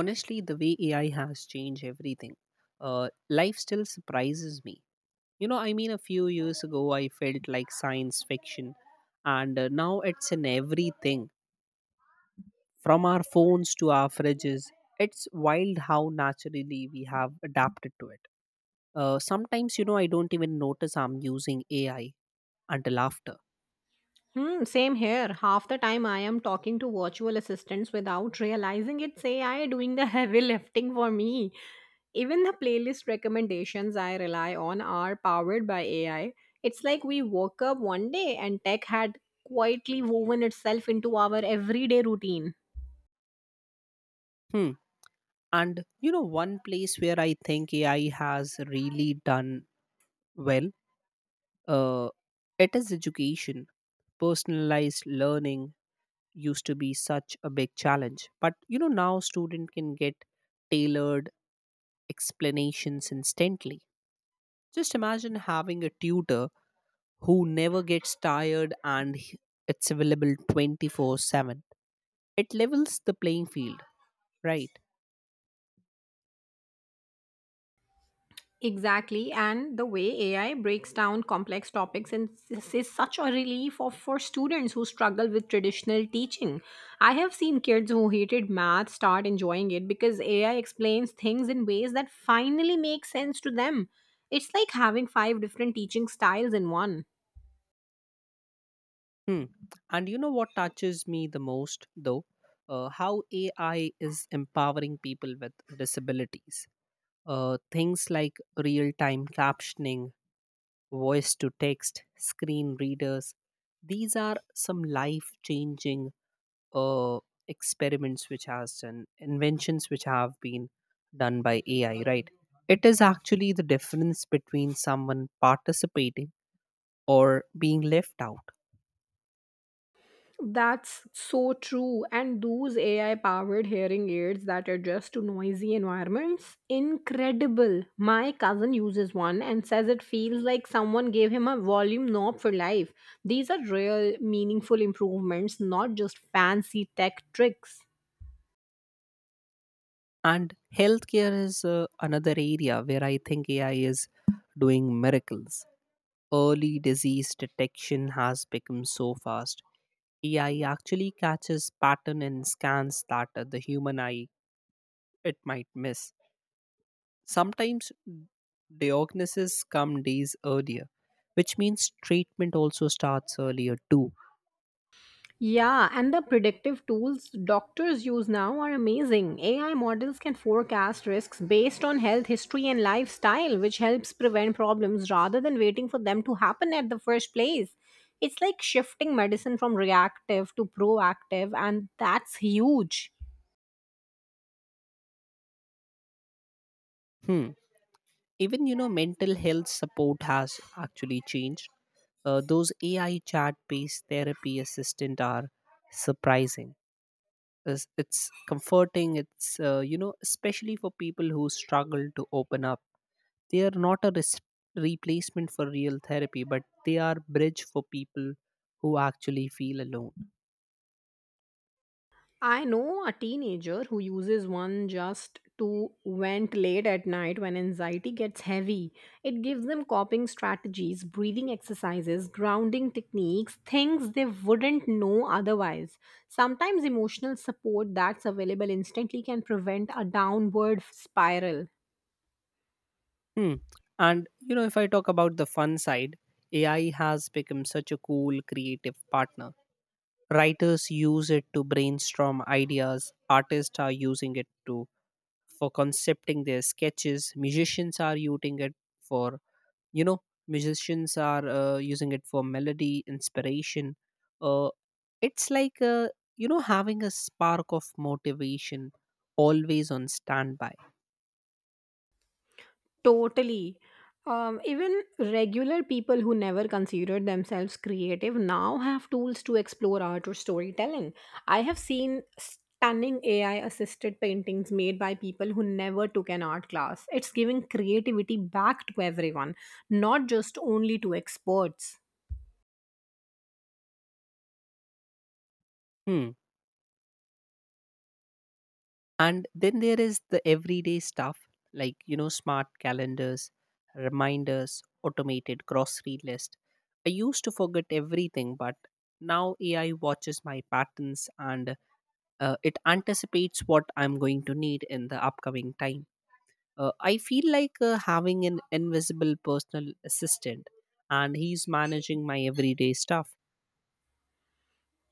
Honestly, the way AI has changed everything, uh, life still surprises me. I mean, a few years ago I felt like science fiction. And now it's in everything, from our phones to our fridges. It's wild how naturally we have adapted to it. Sometimes I don't even notice I'm using AI until after. Hmm, same here. Half the time I am talking to virtual assistants without realizing it's AI doing the heavy lifting for me. Even the playlist recommendations I rely on are powered by AI. It's like we woke up one day and tech had quietly woven itself into our everyday routine. Hmm. And one place where I think AI has really done well. Uh, it is education. Personalized learning used to be such a big challenge, but now student can get tailored explanations instantly. Just imagine having a tutor who never gets tired it's available 24/7. It levels the playing field, right? Exactly, and the way AI breaks down complex topics and this is such a relief for students who struggle with traditional teaching. I have seen kids who hated math start enjoying it because AI explains things in ways that finally make sense to them. It's like having five different teaching styles in one. Hmm. And you know what touches me the most though? How AI is empowering people with disabilities. Things like real time captioning, voice to text, screen readers, these are some life changing uh, experiments which has done, inventions which have been done by AI, right? It is actually the difference between someone participating or being left out. That's so true. And those AI powered hearing aids that adjust to noisy environments, incredible. My cousin uses one and says it feels like someone gave him a volume knob for life. These are real, meaningful improvements, not just fancy tech tricks. And healthcare is another area where I think AI is doing miracles. Early disease detection has become so fast. AI actually catches pattern and scans that the human eye it might miss. Sometimes diagnoses come days earlier, which means treatment also starts earlier too. Yeah, and the predictive tools doctors use now are amazing. AI models can forecast risks based on health history and lifestyle, which helps prevent problems rather than waiting for them to happen at the first place. It's like shifting medicine from reactive to proactive, and that's huge. Hmm. Even mental health support has actually changed. Those AI chat based therapy assistant are surprising. It's comforting. It's especially for people who struggle to open up. They are not a replacement for real therapy, but they are bridge for people who actually feel alone. I know a teenager who uses one just to vent late at night when anxiety gets heavy. It gives them coping strategies, breathing exercises, grounding techniques, things they wouldn't know otherwise. Sometimes emotional support that's available instantly can prevent a downward spiral. Hmm. And if I talk about the fun side, AI has become such a cool creative partner. Writers use it to brainstorm ideas. Artists are using it to for concepting their sketches. Musicians are using it for you know musicians are using it for melody inspiration. Uh, it's like having a spark of motivation always on standby. Totally. Even regular people who never considered themselves creative now have tools to explore art or storytelling. I have seen stunning AI assisted paintings made by people who never took an art class. It's giving creativity back to everyone, not just only to experts. Hmm. And then there is the everyday stuff, like, smart calendars, reminders, automated grocery list. I used to forget everything, but now AI watches my patterns and it anticipates what I'm going to need in the upcoming time. I feel like having an invisible personal assistant, and he's managing my everyday stuff.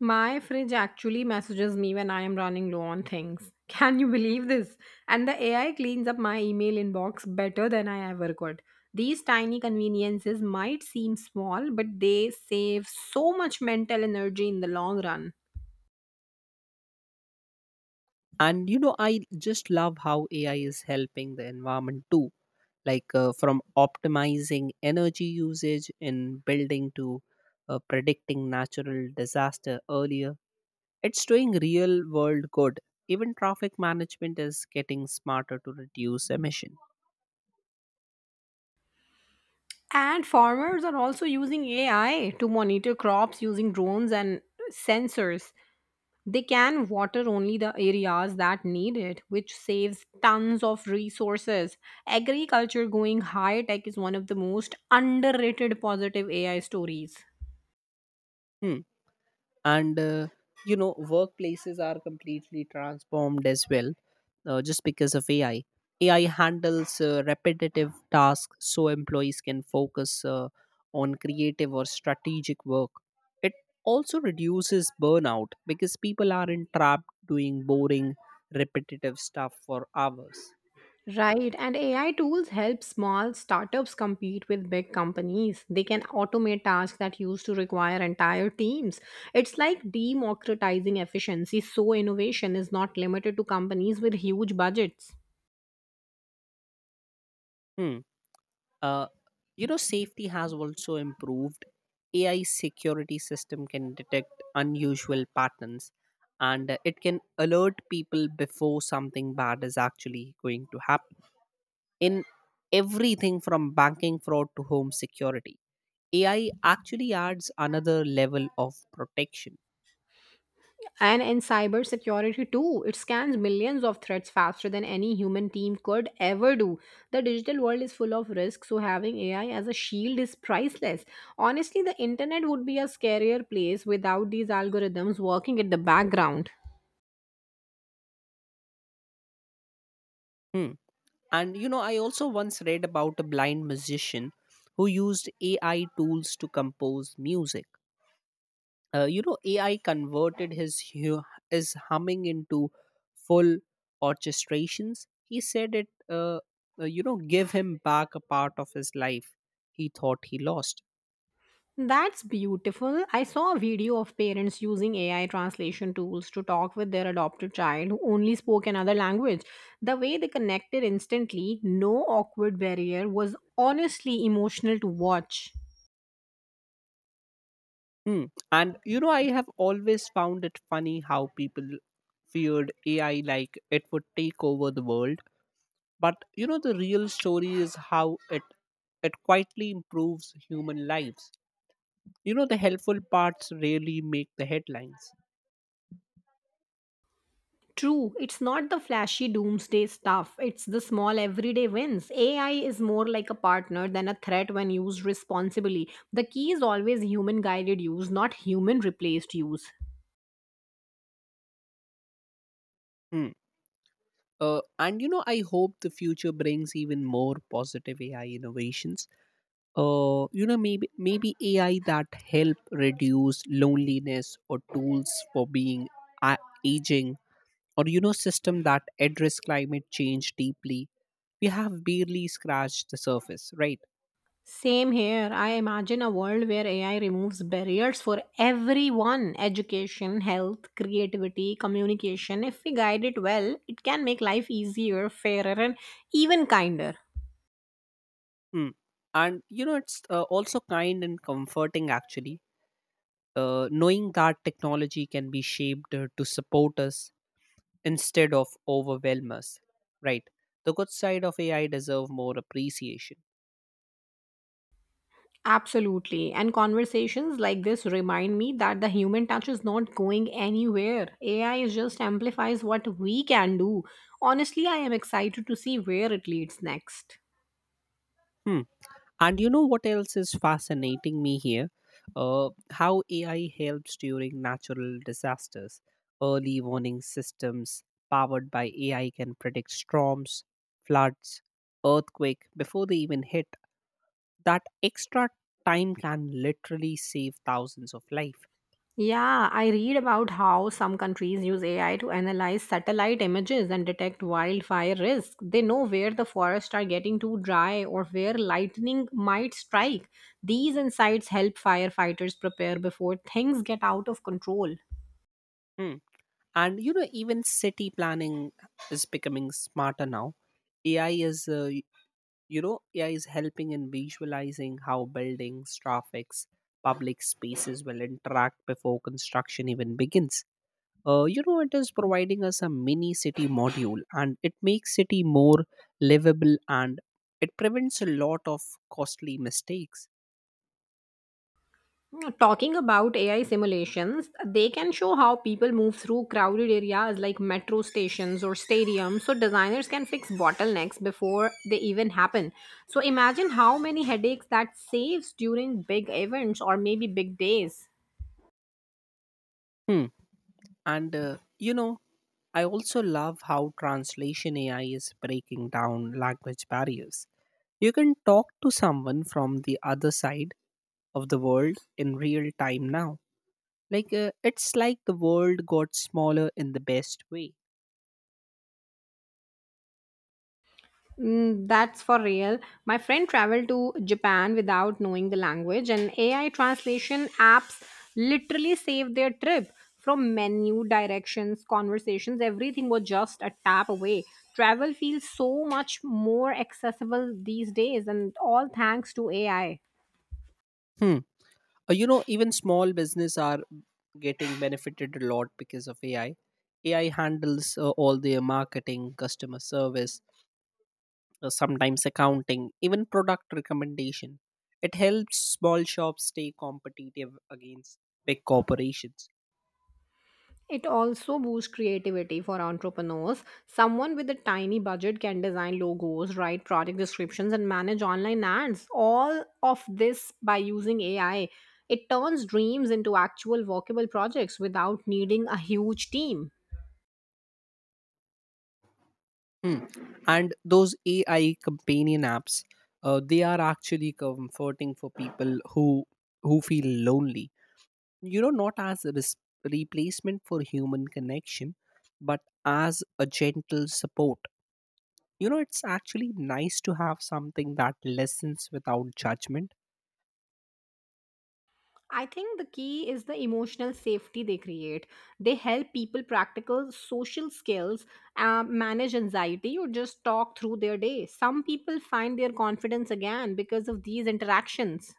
My fridge actually messages me when I am running low on things. Can you believe this? And the AI cleans up my email inbox better than I ever could. These tiny conveniences might seem small, but they save so much mental energy in the long run. And I just love how AI is helping the environment too, like from optimizing energy usage in building to predicting natural disaster earlier. It's doing real world good. Even traffic management is getting smarter to reduce emission. And farmers are also using AI to monitor crops using drones and sensors. They can water only the areas that need it, which saves tons of resources. Agriculture going high tech is one of the most underrated positive AI stories. Hmm. And workplaces are completely transformed as well, just because of AI. AI handles repetitive tasks, so employees can focus on creative or strategic work. It also reduces burnout because people aren't trapped doing boring repetitive stuff for hours. Right, and AI tools help small startups compete with big companies. They can automate tasks that used to require entire teams. It's like democratizing efficiency, so innovation is not limited to companies with huge budgets. Hmm. uh, safety has also improved. AI security system can detect unusual patterns, and it can alert people before something bad is actually going to happen, in everything from banking fraud to home security. AI actually adds another level of protection. And in cybersecurity too, it scans millions of threats faster than any human team could ever do. The digital world is full of risks, so having AI as a shield is priceless. Honestly, the internet would be a scarier place without these algorithms working at the background. Hmm. And I also once read about a blind musician who used AI tools to compose music. AI converted his humming into full orchestrations. He said it uh, give him back a part of his life he thought he lost. That's beautiful. I saw a video of parents using AI translation tools to talk with their adopted child who only spoke another language. The way they connected instantly, no awkward barrier, was honestly emotional to watch. Hmm. And I have always found it funny how people feared AI, like it would take over the world. But the real story is how it it quietly improves human lives. The helpful parts really make the headlines. True, it's not the flashy doomsday stuff, it's the small everyday wins. AI is more like a partner than a threat when used responsibly. The key is always human guided use, not human replaced use. Hmm. And I hope the future brings even more positive AI innovations. Maybe AI that help reduce loneliness, or tools for being a- aging, or system that address climate change deeply. We have barely scratched the surface, right? Same here. I imagine a world where AI removes barriers for everyone education, health, creativity, communication. If we guide it well, it can make life easier, fairer, and even kinder. Hmm. And it's also kind and comforting, actually, knowing that technology can be shaped to support us instead of overwhelm us. Right. The good side of AI deserve more appreciation. Absolutely. And conversations like this remind me that the human touch is not going anywhere. AI is just amplifies what we can do. Honestly, I am excited to see where it leads next. Hmm. And you know what else is fascinating me here? How AI helps during natural disasters. Early warning systems powered by AI can predict storms, floods, earthquake before they even hit. That extra time can literally save thousands of life. Yeah, I read about how some countries use AI to analyze satellite images and detect wildfire risk. They know where the forests are getting too dry or where lightning might strike. These insights help firefighters prepare before things get out of control. Hmm. And even city planning is becoming smarter now. AI is uh, you know, AI is helping in visualizing how buildings, traffics, public spaces will interact before construction even begins. It is providing us a mini city module, and it makes city more livable, and it prevents a lot of costly mistakes. Talking about AI simulations, they can show how people move through crowded areas like metro stations or stadiums, so designers can fix bottlenecks before they even happen. So imagine how many headaches that saves during big events or maybe big days. Hmm. And I also love how translation AI is breaking down language barriers. You can talk to someone from the other side of the world in real time now. Like it's like the world got smaller in the best way. Mm, that's for real. My friend traveled to Japan without knowing the language, and AI translation apps literally saved their trip. From menu, directions, conversations, everything was just a tap away. Travel feels so much more accessible these days, and all thanks to AI. Hmm. Even small business are getting benefited a lot because of AI. AI handles all their marketing, customer service, sometimes accounting, even product recommendation. It helps small shops stay competitive against big corporations. It also boosts creativity for entrepreneurs. Someone with a tiny budget can design logos, write product descriptions, and manage online ads. All of this by using AI. It turns dreams into actual workable projects without needing a huge team. Hmm. And those AI companion apps, they are actually comforting for people who feel lonely. Not as a replacement for human connection, but as a gentle support. It's actually nice to have something that listens without judgment. I think the key is the emotional safety they create. They help people practical social skills, manage anxiety, or just talk through their day. Some people find their confidence again because of these interactions.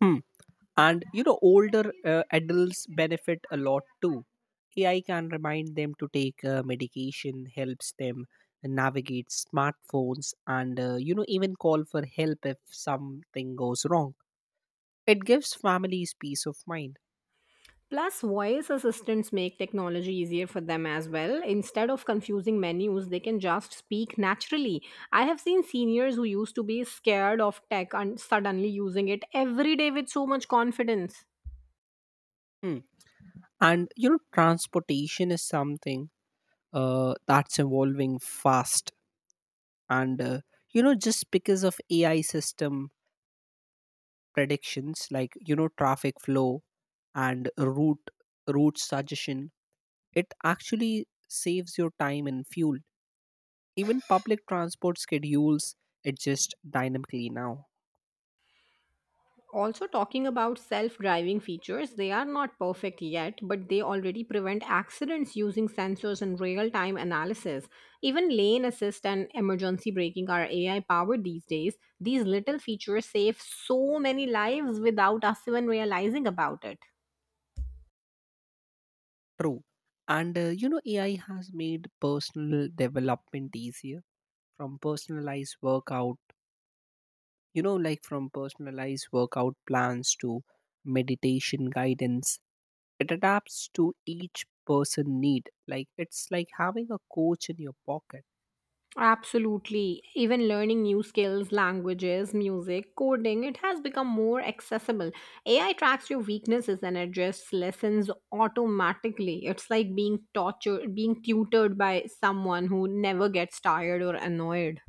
Hmm. And older adults benefit a lot too. AI can remind them to take medication, helps them navigate smartphones, and even call for help if something goes wrong. It gives families peace of mind. Plus, voice assistants make technology easier for them as well. Instead of confusing menus, they can just speak naturally. I have seen seniors who used to be scared of tech and suddenly using it every day with so much confidence. Mm. And transportation is something that's evolving fast. And just because of AI system predictions, like traffic flow and route suggestion, it actually saves your time and fuel. Even public transport schedules adjust dynamically now. Also talking about self-driving features, they are not perfect yet, but they already prevent accidents using sensors and real-time analysis. Even lane assist and emergency braking are AI powered these days. These little features save so many lives without us even realizing about it. True. And AI has made personal development easier from personalized workout, from personalized workout plans to meditation guidance. It adapts to each person need. Like it's like having a coach in your pocket. Absolutely. Even learning new skills, languages, music, coding, it has become more accessible. AI tracks your weaknesses and adjusts lessons automatically. It's like being tutored by someone who never gets tired or annoyed.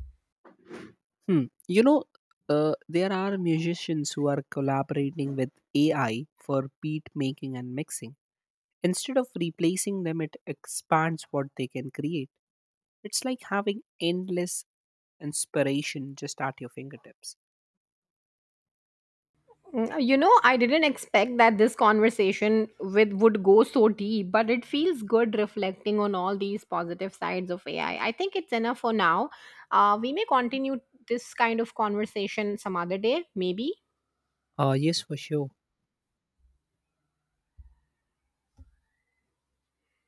Hmm. There are musicians who are collaborating with AI for beat making and mixing. Instead of replacing them, it expands what they can create. It's like having endless inspiration just at your fingertips. Mm, you know, I didn't expect that this conversation with would go so deep, but it feels good reflecting on all these positive sides of AI. I think it's enough for now. We may continue this kind of conversation some other day, maybe. Yes, for sure.